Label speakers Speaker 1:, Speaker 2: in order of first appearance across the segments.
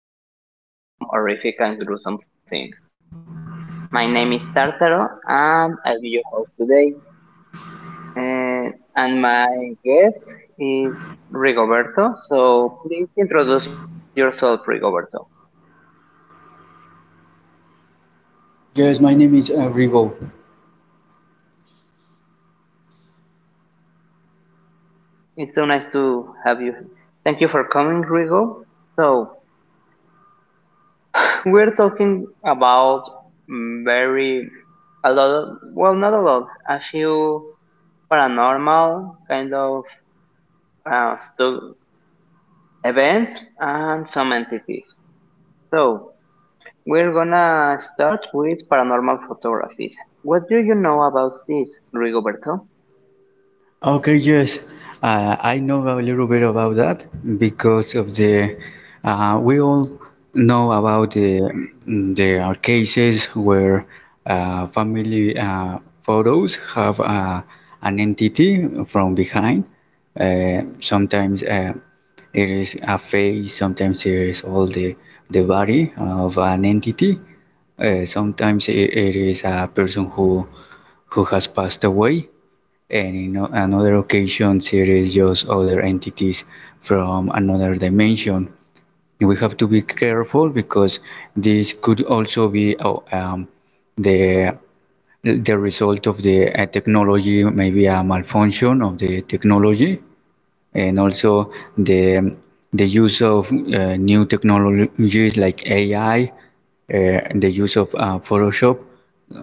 Speaker 1: Casually talk about some horrific and gruesome things. My name is Tartaro, and I'll be your host today. And my guest is Rigoberto. So please introduce yourself, Rigoberto.
Speaker 2: Guys, my name is Rivo.
Speaker 1: It's so nice to have you. Thank you for coming, Rigo. So we're talking about very a lot. Few paranormal kind of uh, stu- events and some entities. So we're gonna start with paranormal photographies. What do you know about this, Rigoberto?
Speaker 2: Okay, yes, I know a little bit about that because of the we all know about the cases where family photos have an entity from behind. Sometimes it is a face, sometimes it is all the body of an entity. Sometimes it is a person who has passed away, and in another occasion, there is just other entities from another dimension. We have to be careful because this could also be the the result of the technology, maybe a malfunction of the technology, and also the the use of new technologies like AI, the use of Photoshop.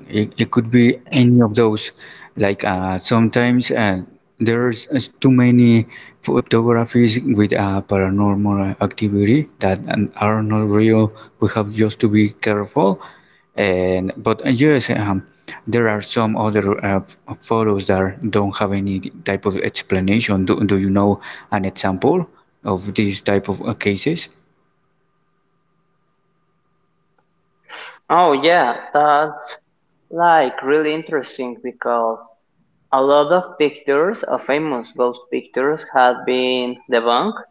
Speaker 2: It could be any of those. Like sometimes there's too many photographies with paranormal activity that are not real. We have just to be careful. And but yes, there are some other photos that don't have any type of explanation. Do you know an example of these type of cases?
Speaker 1: Oh yeah, that's like really interesting because a lot of pictures of famous ghost pictures have been debunked.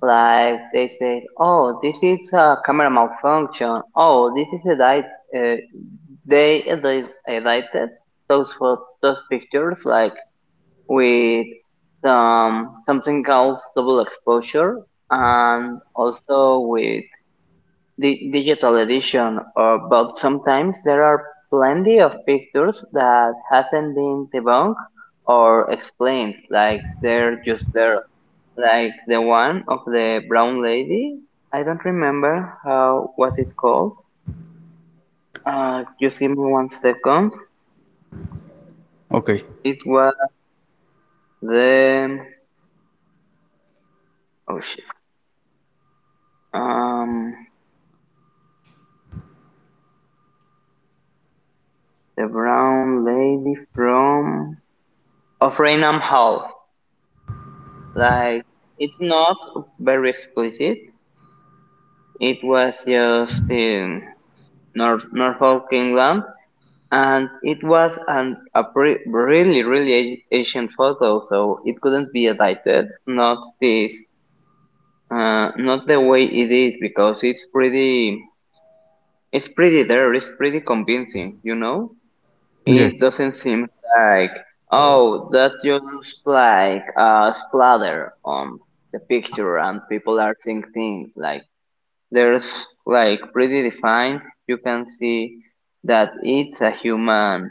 Speaker 1: Like they say, oh, this is a camera malfunction. Oh, this is a diet. Uh, Edited those pictures like with something called double exposure, and also with the digital edition. But sometimes there are plenty of pictures that hasn't been debunked or explained. Like they're just there, like the one of the brown lady. I don't remember how was it called. Just give me 1 second.
Speaker 2: Okay.
Speaker 1: It was the oh shit. Um, the brown lady from of Raynham Hall. Like it's not very explicit. It was just in North Norfolk, England, and it was really ancient photo, so it couldn't be edited, not this not the way it is, because it's pretty convincing, you know.
Speaker 2: Yes.
Speaker 1: It doesn't seem like oh, that's just like a splatter on the picture and people are seeing things. Like there's like pretty defined, you can see that it's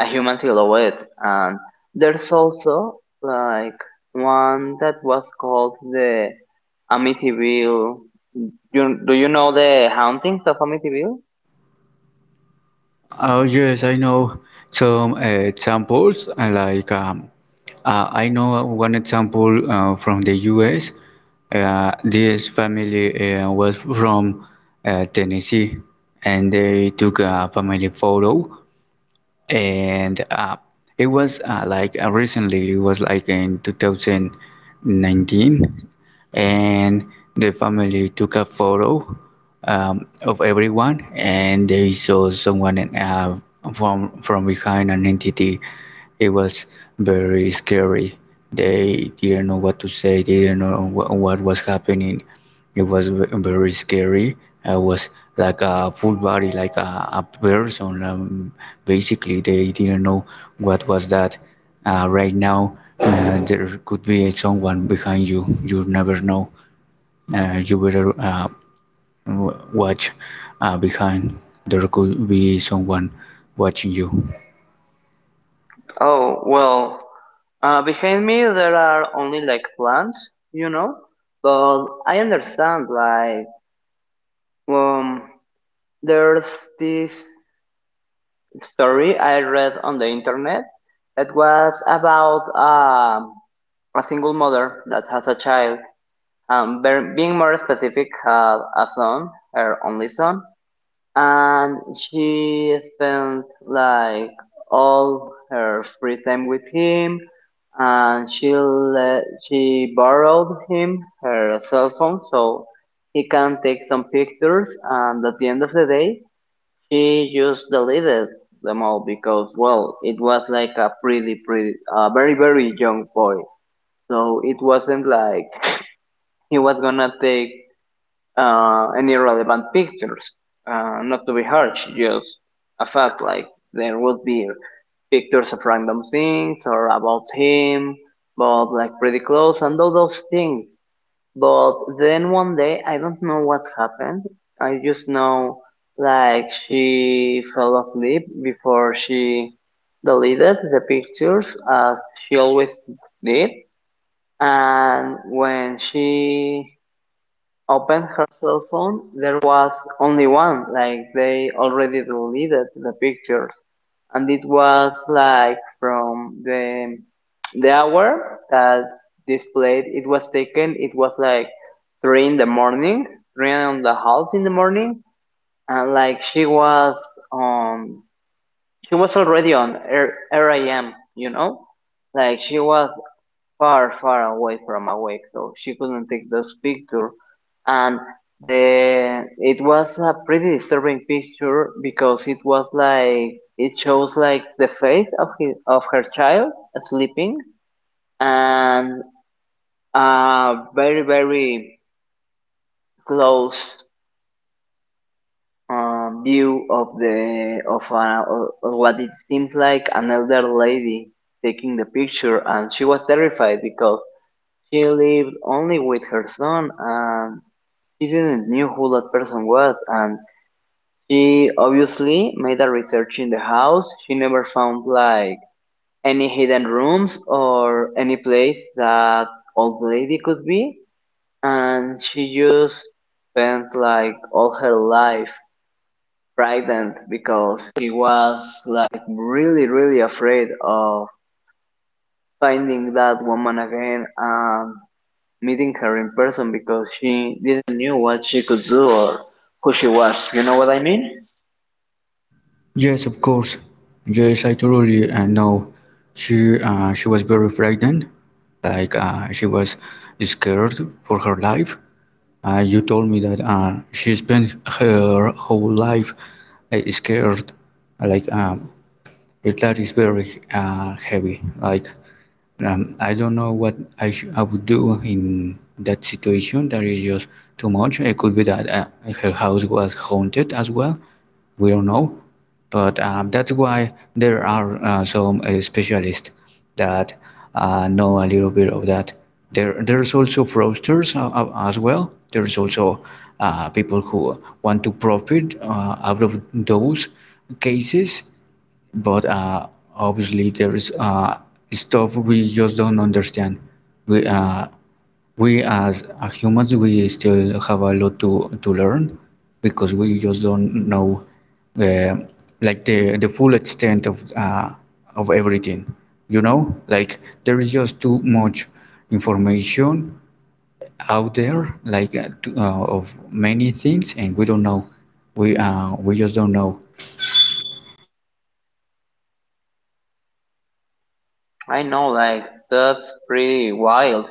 Speaker 1: a human silhouette. And there's also like one that was called the Amityville. Do you know the hauntings of Amityville?
Speaker 2: Oh yes, I know some examples. Like I know one example from the U.S. This family was from Tennessee, and they took a family photo, and it was like recently. It was like in 2019, and the family took a photo of everyone, and they saw someone from behind an entity. It was very scary. They didn't know what to say. They didn't know what was happening. It was very scary. It was like a full body, like a person. Basically, they didn't know what was that. Right now, there could be someone behind you. You never know. You better watch behind. There could be someone watching you.
Speaker 1: Oh, well, behind me there are only like plants, you know, but I understand like um there's this story I read on the internet that was about a single mother that has a child, being more specific, a son, her only son, and she spent like all her free time with him, and she borrowed him her cell phone so he can take some pictures. And at the end of the day, she just deleted them all because well, it was like a very, very young boy, so it wasn't like he was gonna take any relevant pictures. Not to be harsh, just a fact like there would be pictures of random things or about him, but like pretty close and all those things. But then 1 day, I don't know what happened. I just know like she fell asleep before she deleted the pictures as she always did. And when she opened her cell phone, there was only one, like they already deleted the pictures. And it was like from the hour that displayed it was taken, it was like three in the morning, three and the half in the morning, and like on she was already on RIM, you know? Like she was far, far away from awake, so she couldn't take those pictures. And the it was a pretty disturbing picture because it was like it shows like the face of her child sleeping, and a very very close view of the of what it seems like an elder lady taking the picture. And she was terrified because she lived only with her son, and she didn't knew who that person was. And she obviously made a research in the house. She never found like any hidden rooms or any place that old lady could be, and she just spent like all her life frightened because she was like really really afraid of finding that woman again and meeting her in person because she didn't knew what she could do or who she was. You know what I mean?
Speaker 2: Yes, of course. Yes, I totally know. She was very frightened, like she was scared for her life. You told me that she spent her whole life scared. Like, that is very heavy. Like, I don't know what I would do in that situation. That is just too much. It could be that her house was haunted as well. We don't know. But that's why there are some specialists that know a little bit of that. There's also fraudsters as well. There's also people who want to profit out of those cases, but obviously there is stuff we just don't understand. We uh, we as humans, we still have a lot to learn because we just don't know uh, like the full extent of everything. You know, like there is just too much information out there, like of many things, and we don't know. We just don't know.
Speaker 1: I know, like, that's pretty wild.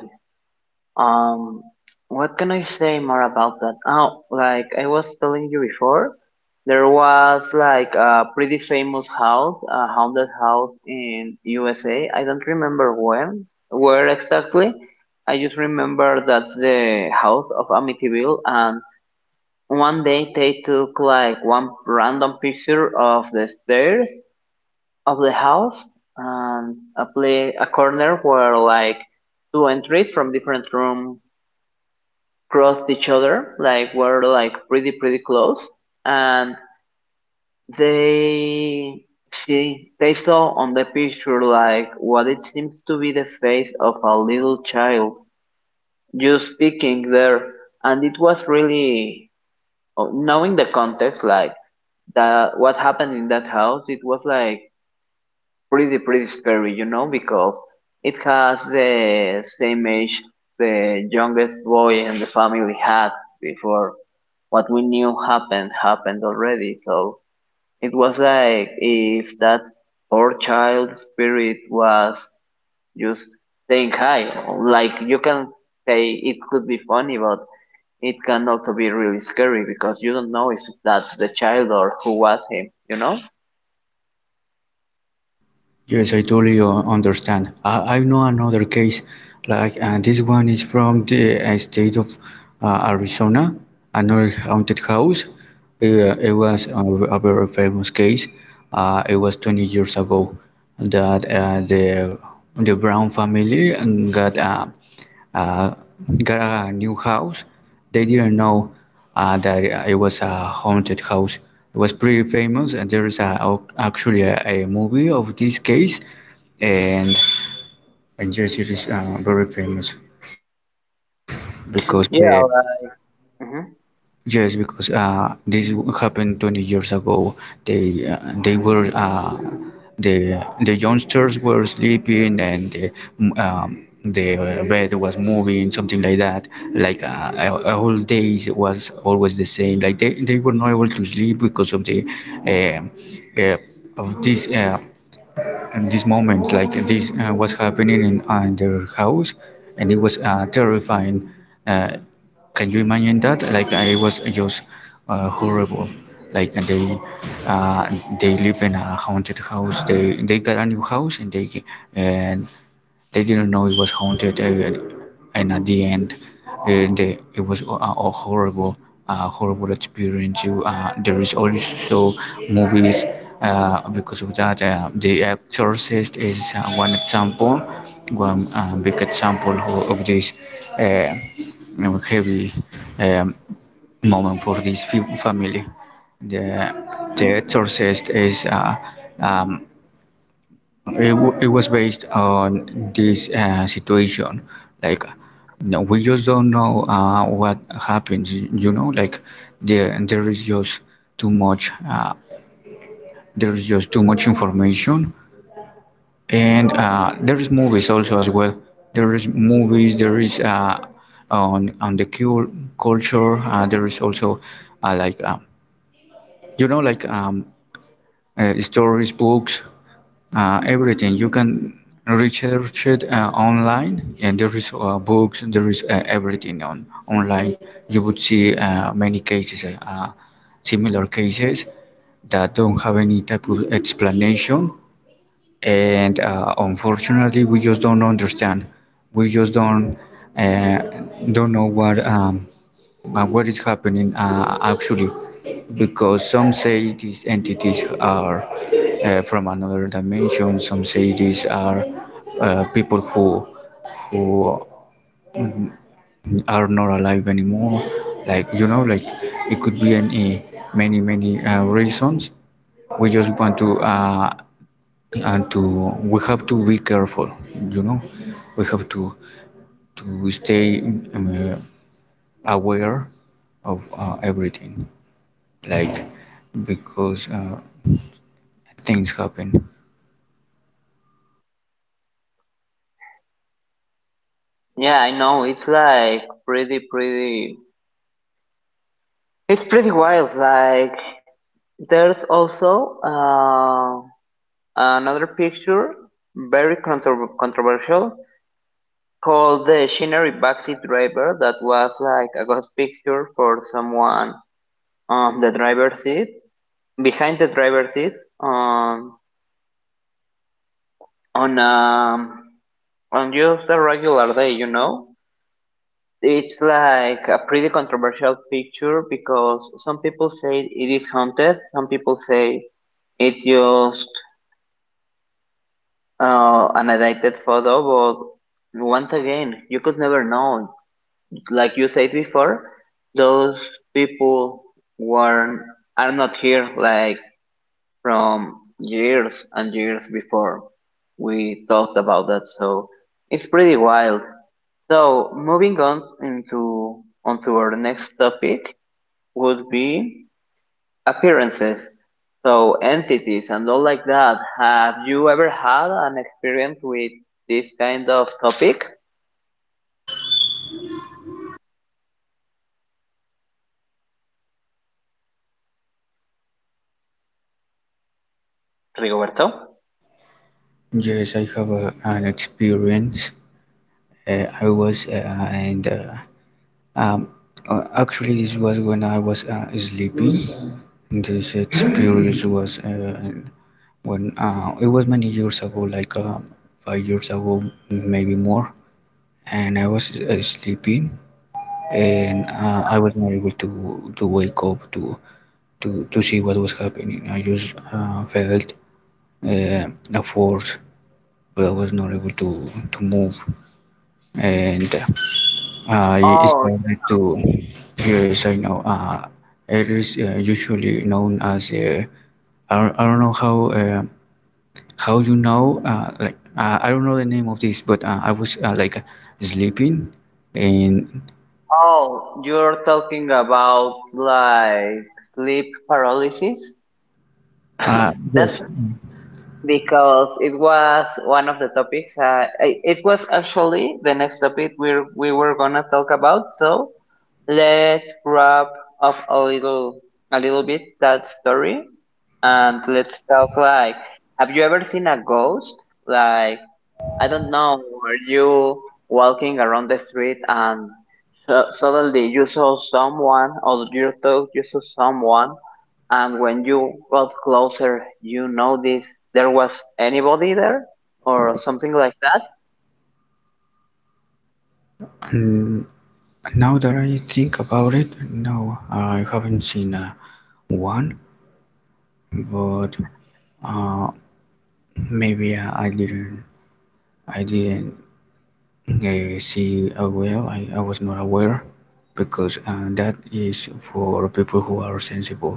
Speaker 1: Um, what can I say more about that? Oh, like I was telling you before, there was like a pretty famous house, a haunted house in USA. I don't remember when, where exactly. I just remember that's the house of Amityville, and 1 day they took like one random picture of the stairs of the house, and a corner where like two entries from different room crossed each other, like were like pretty pretty close, and they they saw on the picture like what it seems to be the face of a little child just speaking there. And it was really, knowing the context, like that what happened in that house, it was like pretty pretty scary, you know, because it has the same age the youngest boy in the family had before what we knew happened happened already. So it was like if that poor child spirit was just saying hi. Like you can say it could be funny, but it can also be really scary because you don't know if that's the child or who was him, you know?
Speaker 2: Yes, I totally understand. I know another case, like this one is from the state of Arizona, another haunted house. It was a very famous case. It was 20 years ago that the Brown family uh, got a new house. They didn't know that it was a haunted house. It was pretty famous, and there is actually a movie of this case, and, and yes, it is very famous because the...
Speaker 1: Yeah, mhm.
Speaker 2: Yes, because this happened 20 years ago. They uh, they were the youngsters were sleeping, and the bed was moving, something like that. Like a whole days was always the same. Like they were not able to sleep because of the uh, uh, of this and this moment like this was happening in their house, and it was terrifying. uh, can you imagine that? Like, I was just horrible. Like uh, they live in a haunted house, they got a new house, and they didn't know it was haunted, and at the end, uh, they, it was a horrible, horrible experience. You, there is also movies because of that. The Exorcist is one example, one big example of this uh, heavy um, moment for this family. The The Exorcist is um, it was based on this situation. Like, no, we just don't know what happens. You know, like there is just too much. There is just too much information, and there is movies also as well. There is movies. There is on the culture. There is also uh, like um, you know like um, stories, books, everything. You can research it online, and there is books, there is everything on online. You would see many cases, similar cases that don't have any type of explanation, and unfortunately we just don't understand. We just don't uh, know what is happening actually, because some say these entities are from another dimension, some say these are people who are not alive anymore. Like, you know, like it could be any many many reasons. We just want to and to we have to be careful, you know. We have to stay um, aware of everything, like because things happen.
Speaker 1: Yeah, I know. It's like pretty, pretty. It's pretty wild. Like there's also another picture, very controversial, called the Shinnery backseat driver. That was like a ghost picture for someone on the driver's seat, behind the driver's seat, um, on um, on just a regular day, you know. It's like a pretty controversial picture because some people say it is haunted, some people say it's just an edited photo, but once again, you could never know. Like you said before, those people weren't are not here, like from years and years before we talked about that, so it's pretty wild. So moving on into onto our next topic, would be appearances. So entities and all like that. Have you ever had an experience with this kind of topic, Rigoberto?
Speaker 2: Yes, I have an experience. I was and um, actually this was when I was sleeping. This experience was when it was many years ago, like 5 years ago, maybe more. And I was sleeping, and I was not able to wake up to to see what was happening. I just felt uh, afford, but I was not able to move, and I
Speaker 1: Oh,
Speaker 2: started to... yes, I know it is usually known as I don't know how you know I don't know the name of this, but I was like sleeping and
Speaker 1: oh, You're talking about like sleep paralysis?
Speaker 2: yes.
Speaker 1: That's because it was one of the topics. I- it was actually the next topic we were gonna talk about. So let's wrap up a little bit that story, and let's talk like, have you ever seen a ghost? Like, I don't know, were you walking around the street and so suddenly you saw someone, or you thought you saw someone, and when you got closer, you noticed there was anybody there, or something like that?
Speaker 2: Mm, now that I think about it, no, I haven't seen one, but uh, maybe I didn't, I didn't see well. I was not aware because that is for people who are sensible.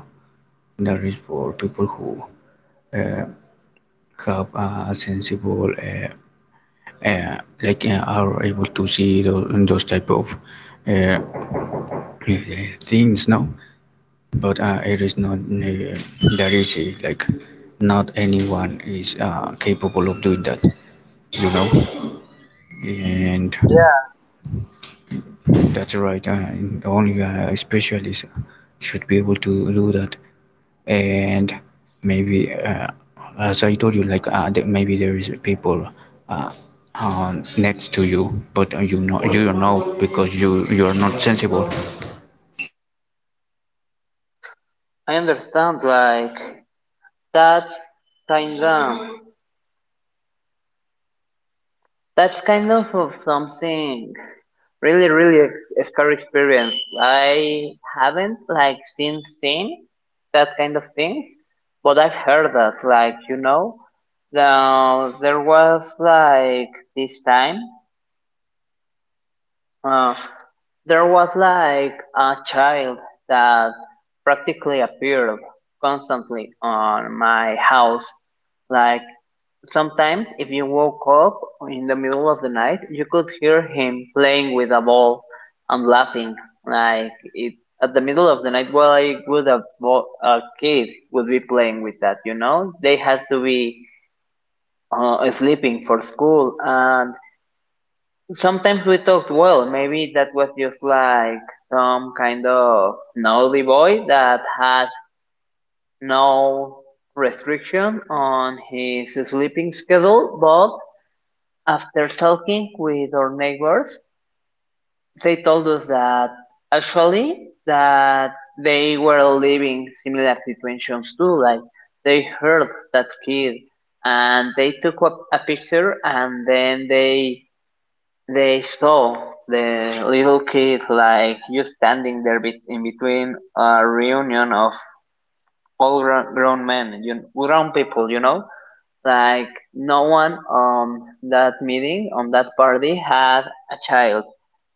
Speaker 2: That is for people who uh, have a sensible are able to see those type of uh, things. No, but it is not that easy. Like, not anyone is capable of doing that. You know, and...
Speaker 1: Yeah,
Speaker 2: That's right. And only a specialist should be able to do that. And maybe, as I told you, like maybe there is people uh, next to you, but you know you don't know because you are not sensible.
Speaker 1: I understand. Like, that's kinda. That's kind of something really, really scary experience. I haven't like seen that kind of thing, but I've heard that. Like you know, there was like this time. Uh, there was like a child that practically appeared constantly on my house like sometimes, if you woke up in the middle of the night, you could hear him playing with a ball and laughing. Like it at the middle of the night, why would a kid would be playing with that? You know, they had to be sleeping for school. And sometimes we thought, well, maybe that was just like some kind of naughty boy that had no restriction on his sleeping schedule, but after talking with our neighbors, they told us that actually that they were living similar situations too. Like they heard that kid, and they took up a picture, and then they saw the little kid like just standing there in between a reunion of all grown grown people, you know. Like no one on that meeting, on that party, had a child,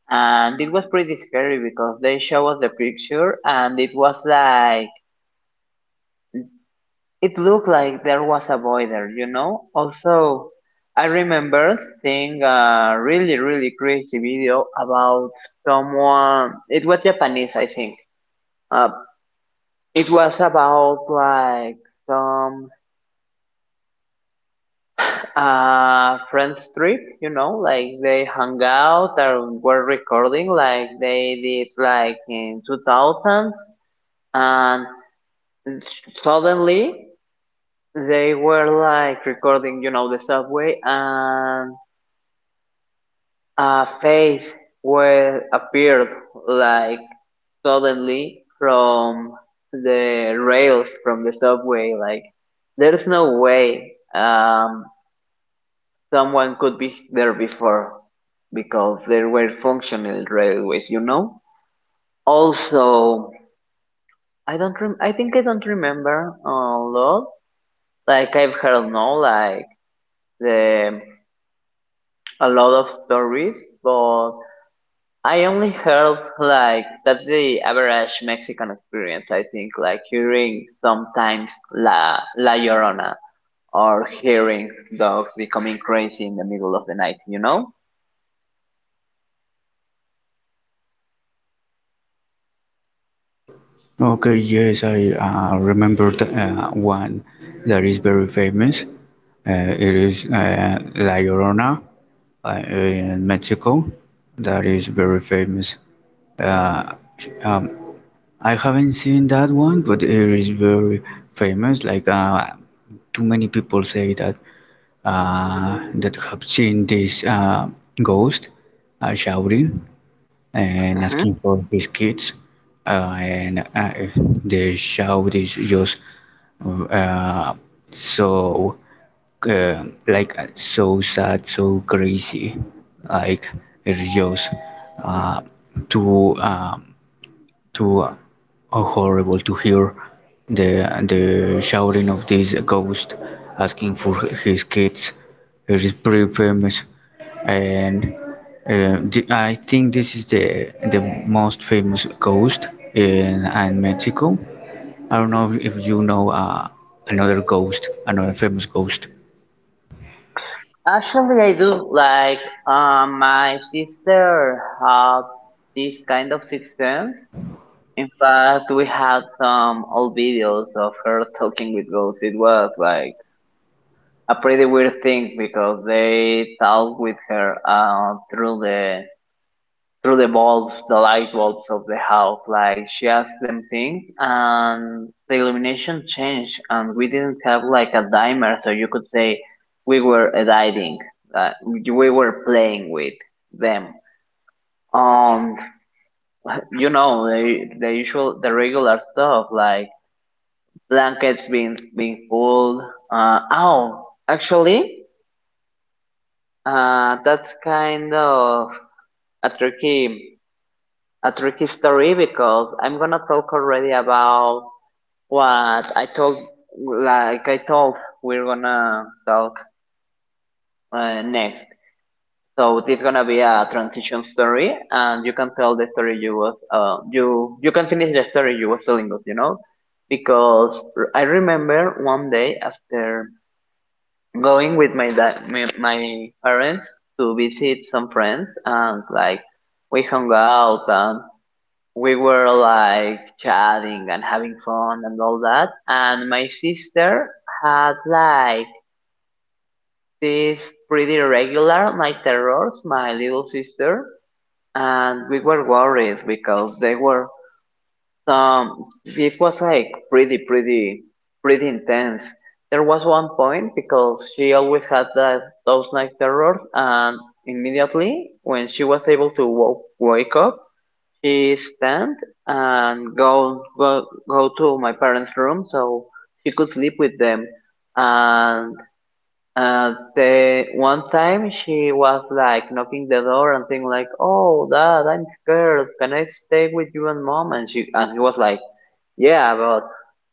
Speaker 1: and it was pretty scary because they show us the picture, and it was like it looked like there was a boy there, you know. Also, I remember seeing a really really crazy video about someone. It was Japanese, I think. Uh, it was about like some friends trip, you know, like they hung out or were recording, like they did like in 2000s. And suddenly they were like recording, you know, the subway, and a face where appeared like suddenly from the rails from the subway. Like there's no way someone could be there before, because there were functional railways, you know? Also, I think I don't remember a lot. Like I've heard no like the a lot of stories, but I only heard like that's the average Mexican experience, I think, like hearing sometimes La Llorona or hearing dogs becoming crazy in the middle of the night, you know?
Speaker 2: Okay, yes, I remember the, one that is very famous. It is La Llorona in Mexico. That is very famous. Uh, um, I haven't seen that one, but it is very famous. Like too many people say that that have seen this ghost shouting and asking for his kids and the shout is just uh, so so sad, so crazy. Like, it's just uh, too too horrible to hear the the shouting of this ghost asking for his kids. It is pretty famous, and the, I think this is the most famous ghost in Mexico. I don't know if you know another ghost, another famous ghost.
Speaker 1: Actually, I do, like my sister had this kind of sixth sense. In fact, we had some old videos of her talking with ghosts. It was like a pretty weird thing because they talk with her through the bulbs, the light bulbs of the house. Like she asked them things, and the illumination changed, and we didn't have like a dimer, so you could say we were editing, we were playing with them. Um, you know the usual, the regular stuff like blankets being pulled. Uh, oh, actually, that's kind of a tricky a tricky story because I'm gonna talk already about what I told, like I told, we're gonna talk next. So it's gonna be a transition story, and you can tell the story you was, you can finish the story you was telling us, you know, because I remember one day after going with my dad, my parents to visit some friends, and like we hung out and we were like chatting and having fun and all that. And my sister had like these pretty regular night terrors, my little sister, and we were worried because they were some it was like pretty intense. There was one point because she always had that those night terrors and immediately when she was able to wake up she stand and go to my parents' room so she could sleep with them. And the one time she was like knocking the door and saying like, "Oh, Dad, I'm scared. Can I stay with you and Mom?" And he was like, "Yeah, but."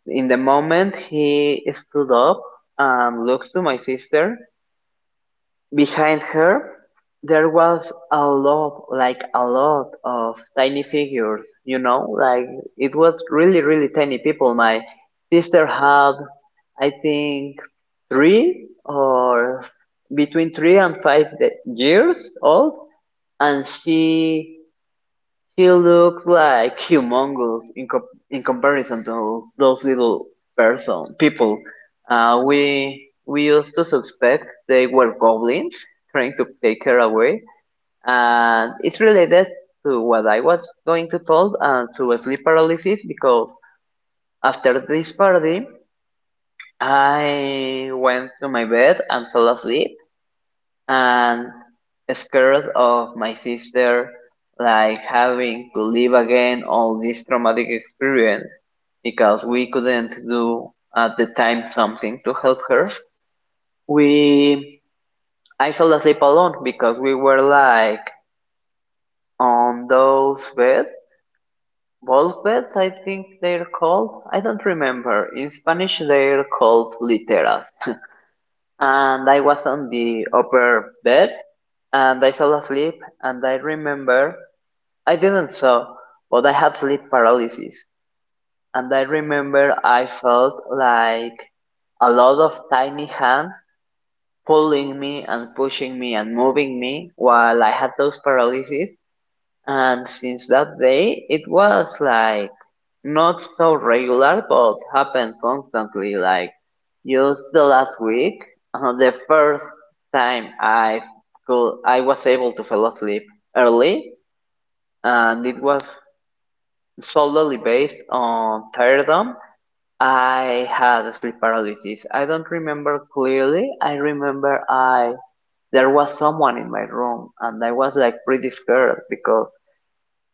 Speaker 1: In the moment, he stood up and looked to my sister. Behind her, there was a lot, like a lot of tiny figures, you know, like it was really, really tiny people. My sister had, I think, three or between three and five years old, and she he looks like humongous in comparison to those little person people. We used to suspect they were goblins trying to take her away, and it's related to what I was going to tell and to sleep paralysis because after this party I went to my bed and fell asleep and scared of my sister like having to live again all this traumatic experience because we couldn't do at the time something to help her. We i fell asleep alone because we were like on those beds, bulk beds I think they're called, I don't remember, in Spanish they're called literas, and I was on the upper bed and I fell asleep. And I remember I didn't so, but I had sleep paralysis, and I remember I felt like a lot of tiny hands pulling me and pushing me and moving me while I had those paralysis. And since that day, it was like not so regular, but happened constantly. Like just the last week, the first time I was able to fall asleep early, and it was solely based on tiredom, I had sleep paralysis. I don't remember clearly. I remember I there was someone in my room and I was like pretty scared because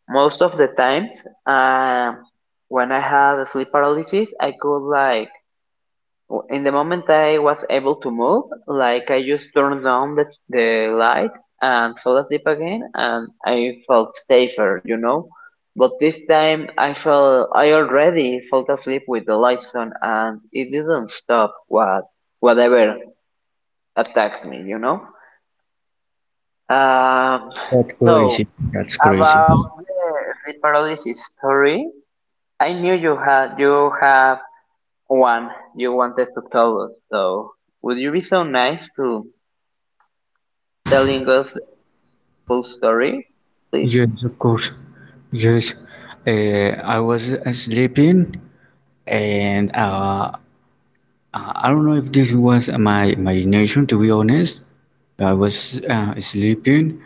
Speaker 1: most of the times, um, when I had sleep paralysis, I could like in the moment I was able to move, like I just turned down the light and fell asleep again, and I felt safer, you know. But this time I felt I already fell asleep with the lights on, and it didn't stop whatever attacked me, you know. Um,
Speaker 2: That's
Speaker 1: so
Speaker 2: crazy. That's crazy.
Speaker 1: about the sleep paralysis story, I knew you have one you wanted to tell us. So would you be so nice to telling us the full story, please?
Speaker 2: Yes, of course. Yes, I was sleeping, and I don't know if this was my imagination. To be honest, I was sleeping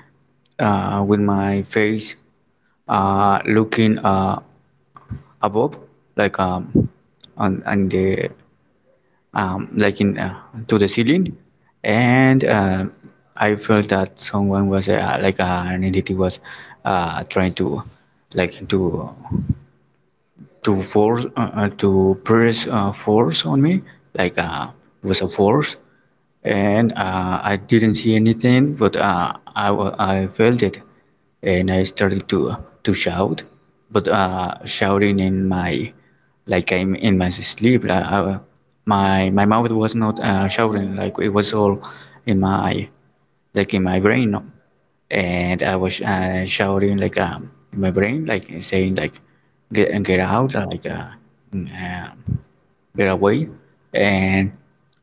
Speaker 2: with my face looking above, like um, on the like in to the ceiling, and I felt that someone was an entity was trying to like to force to press force on me like was a force, and I didn't see anything, but I felt it, and I started to shout, but shouting in my, like I'm in my sleep, like, my mouth was not shouting, like it was all in my like in my brain, no, and I was shouting like in my brain like saying like get out, or like uh, get away, and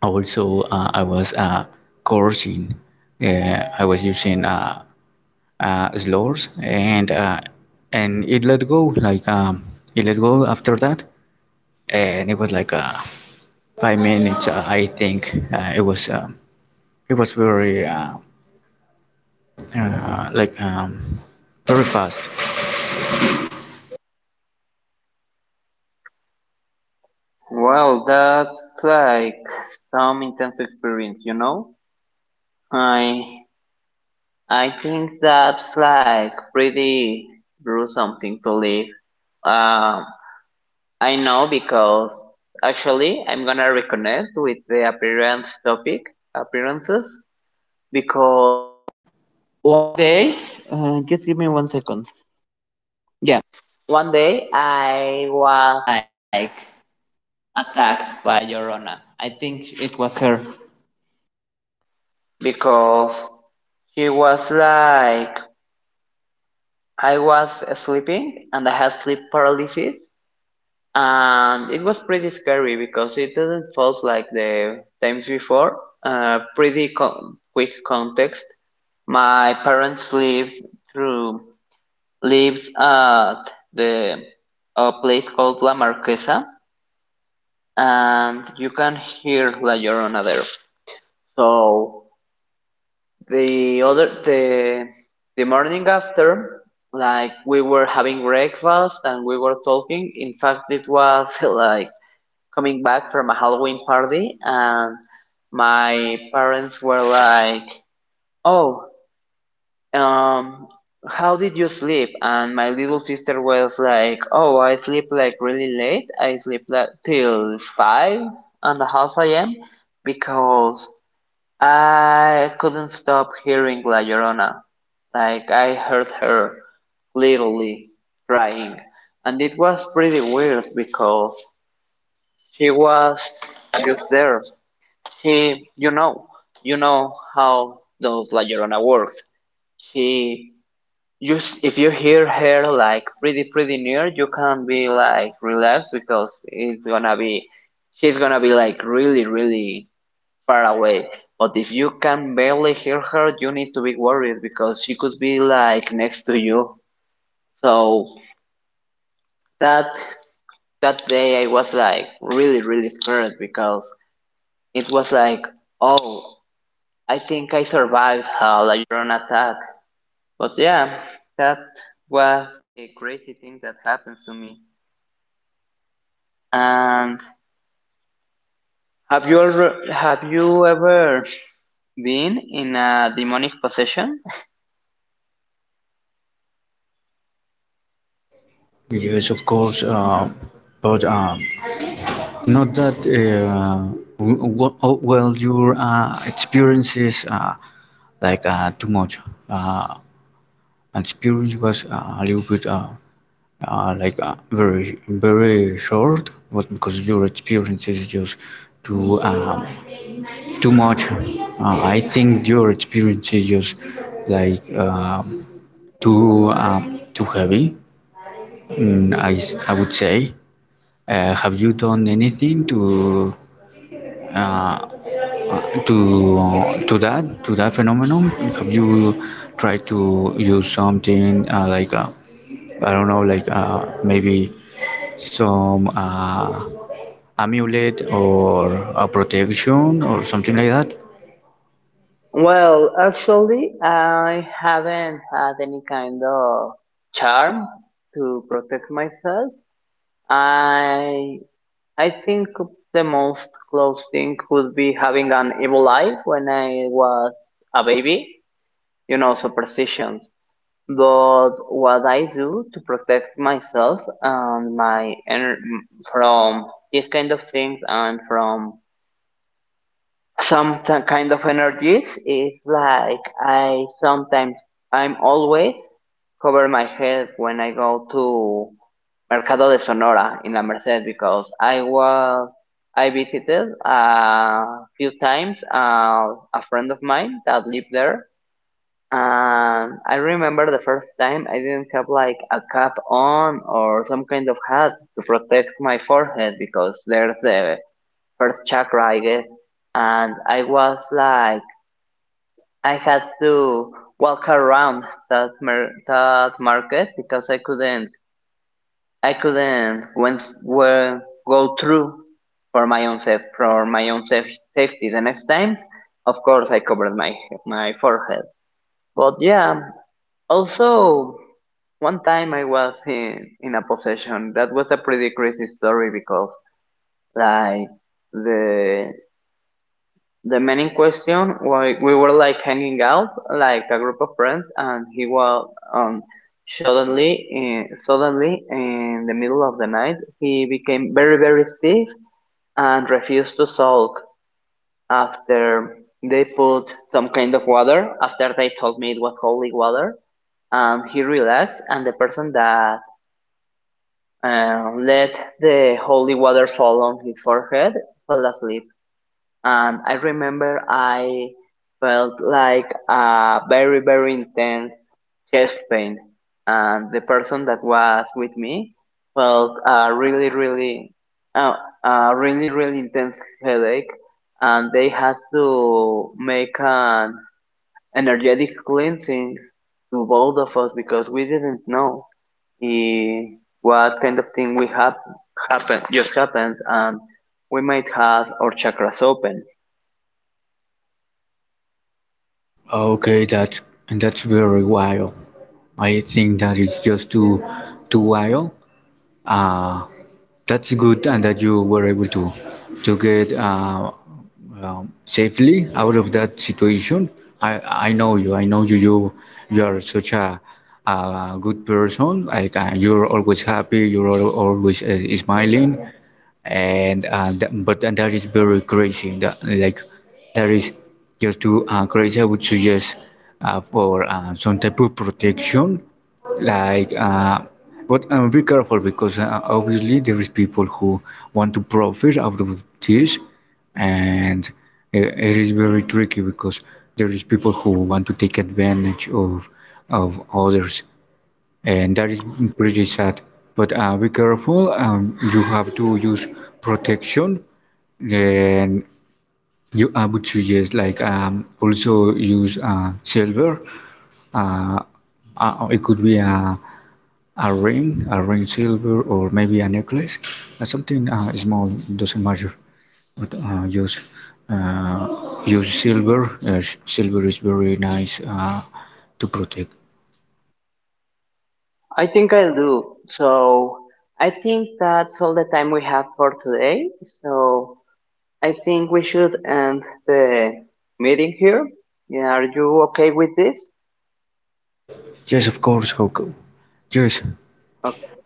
Speaker 2: also I was cursing, I was using slurs, and it let go, like it let go after that, and it was like 5 minutes, I think it was very uh, like um, very fast.
Speaker 1: Well, that's like some intense experience, you know? I I think that's like pretty gruesome thing to live. Um, I know because actually I'm gonna reconnect with the appearance topic, appearances, because, like I was sleeping and I had sleep paralysis and it was pretty scary because it didn't felt like the times before. Quick context. My parents lived through lives at the a place called La Marquesa, and you can hear La Llorona there. So The other the morning after, like we were having breakfast and we were talking. In fact, it was like coming back from a Halloween party, and my parents were like, "Oh, um, how did you sleep?" And my little sister was like, "Oh, I sleep like really late. I sleep like till five half a.m." because I couldn't stop hearing La Llorona, like I heard her literally crying, and it was pretty weird because she was just there. She, you know how those La Llorona works. She, you, if you hear her like pretty near, you can be like relaxed because it's gonna be, she's gonna be like really far away. But if you can barely hear her, you need to be worried because she could be like next to you. So that that day I was like really scared because it was like, oh, I think I survived a Lion attack. But yeah, that was a crazy thing that happened to me. And have you ever been in a demonic possession?
Speaker 2: Yes, of course, but not that. Oh, well, your experiences too much. Uh, Experience was a little bit very very short, but because your experience is just too um, too much. I think your experience is just like um too too heavy. Mm, I would say... Have you done anything to uh, to to that, to that phenomenon? Have you tried to use something like I don't know, like maybe some amulet or a protection or something like that?
Speaker 1: Well, actually, I haven't had any kind of charm to protect myself. I I think the most close thing would be having an evil eye when I was a baby, you know, superstitions. But what I do to protect myself and my from these kind of things and from some kind of energies is like I'm always cover my head when I go to Mercado de Sonora in La Merced, because I visited a few times a friend of mine that lived there. And I remember the first time I didn't have like a cap on or some kind of hat to protect my forehead because there's the first chakra I guess. And I was like I had to walk around that market because I couldn't went well, go through for my own saf for my own safety. The next time, of course, I covered my forehead. But yeah, also one time I was in a possession that was a pretty crazy story because like the the man in question, we were like hanging out, like a group of friends, and he was um, suddenly, suddenly in the middle of the night, he became very stiff and refused to sulk. After they put some kind of water, after they told me it was holy water, he relaxed, and the person that let the holy water fall on his forehead fell asleep. And I remember I felt like a very intense chest pain, and the person that was with me felt uh, a really really intense headache, and they had to make an energetic cleansing to both of us because we didn't know, eh, what kind of thing we hap- happened just happened. And we might have our chakras open.
Speaker 2: Okay, that's very wild. I think that is just too too wild. Uh, that's good and that you were able to get safely out of that situation. I know you. I know you. You are such a good person. Like you're always happy. You're always smiling. And but that is very crazy. That, like that is just too crazy. I would suggest for some type of protection like but be careful, because obviously there is people who want to profit out of this, and it is very tricky because there is people who want to take advantage of others, and that is pretty sad, but be careful. You have to use protection, then you... I would suggest like also use silver. uh, it could be a ring silver, or maybe a necklace, something small, doesn't matter. But use silver. Silver is very nice to protect.
Speaker 1: I think I'll do. So I think that's all the time we have for today. So I think we should end the meeting here. Yeah, are you okay with this?
Speaker 2: Yes, of course, Hoko. Yes.
Speaker 1: Okay.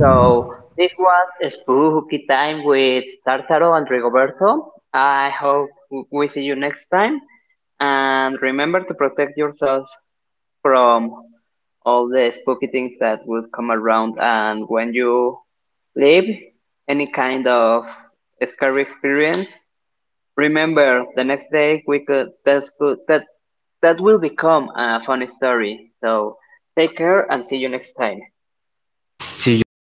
Speaker 1: So this was Spooky Time with Tartaro and Rigoberto. I hope we see you next time. And remember to protect yourself from all the spooky things that would come around. And when you live any kind of scary experience, remember the next day we could, that could, that will become a funny story. So take care, and see you next time.
Speaker 2: See you guys.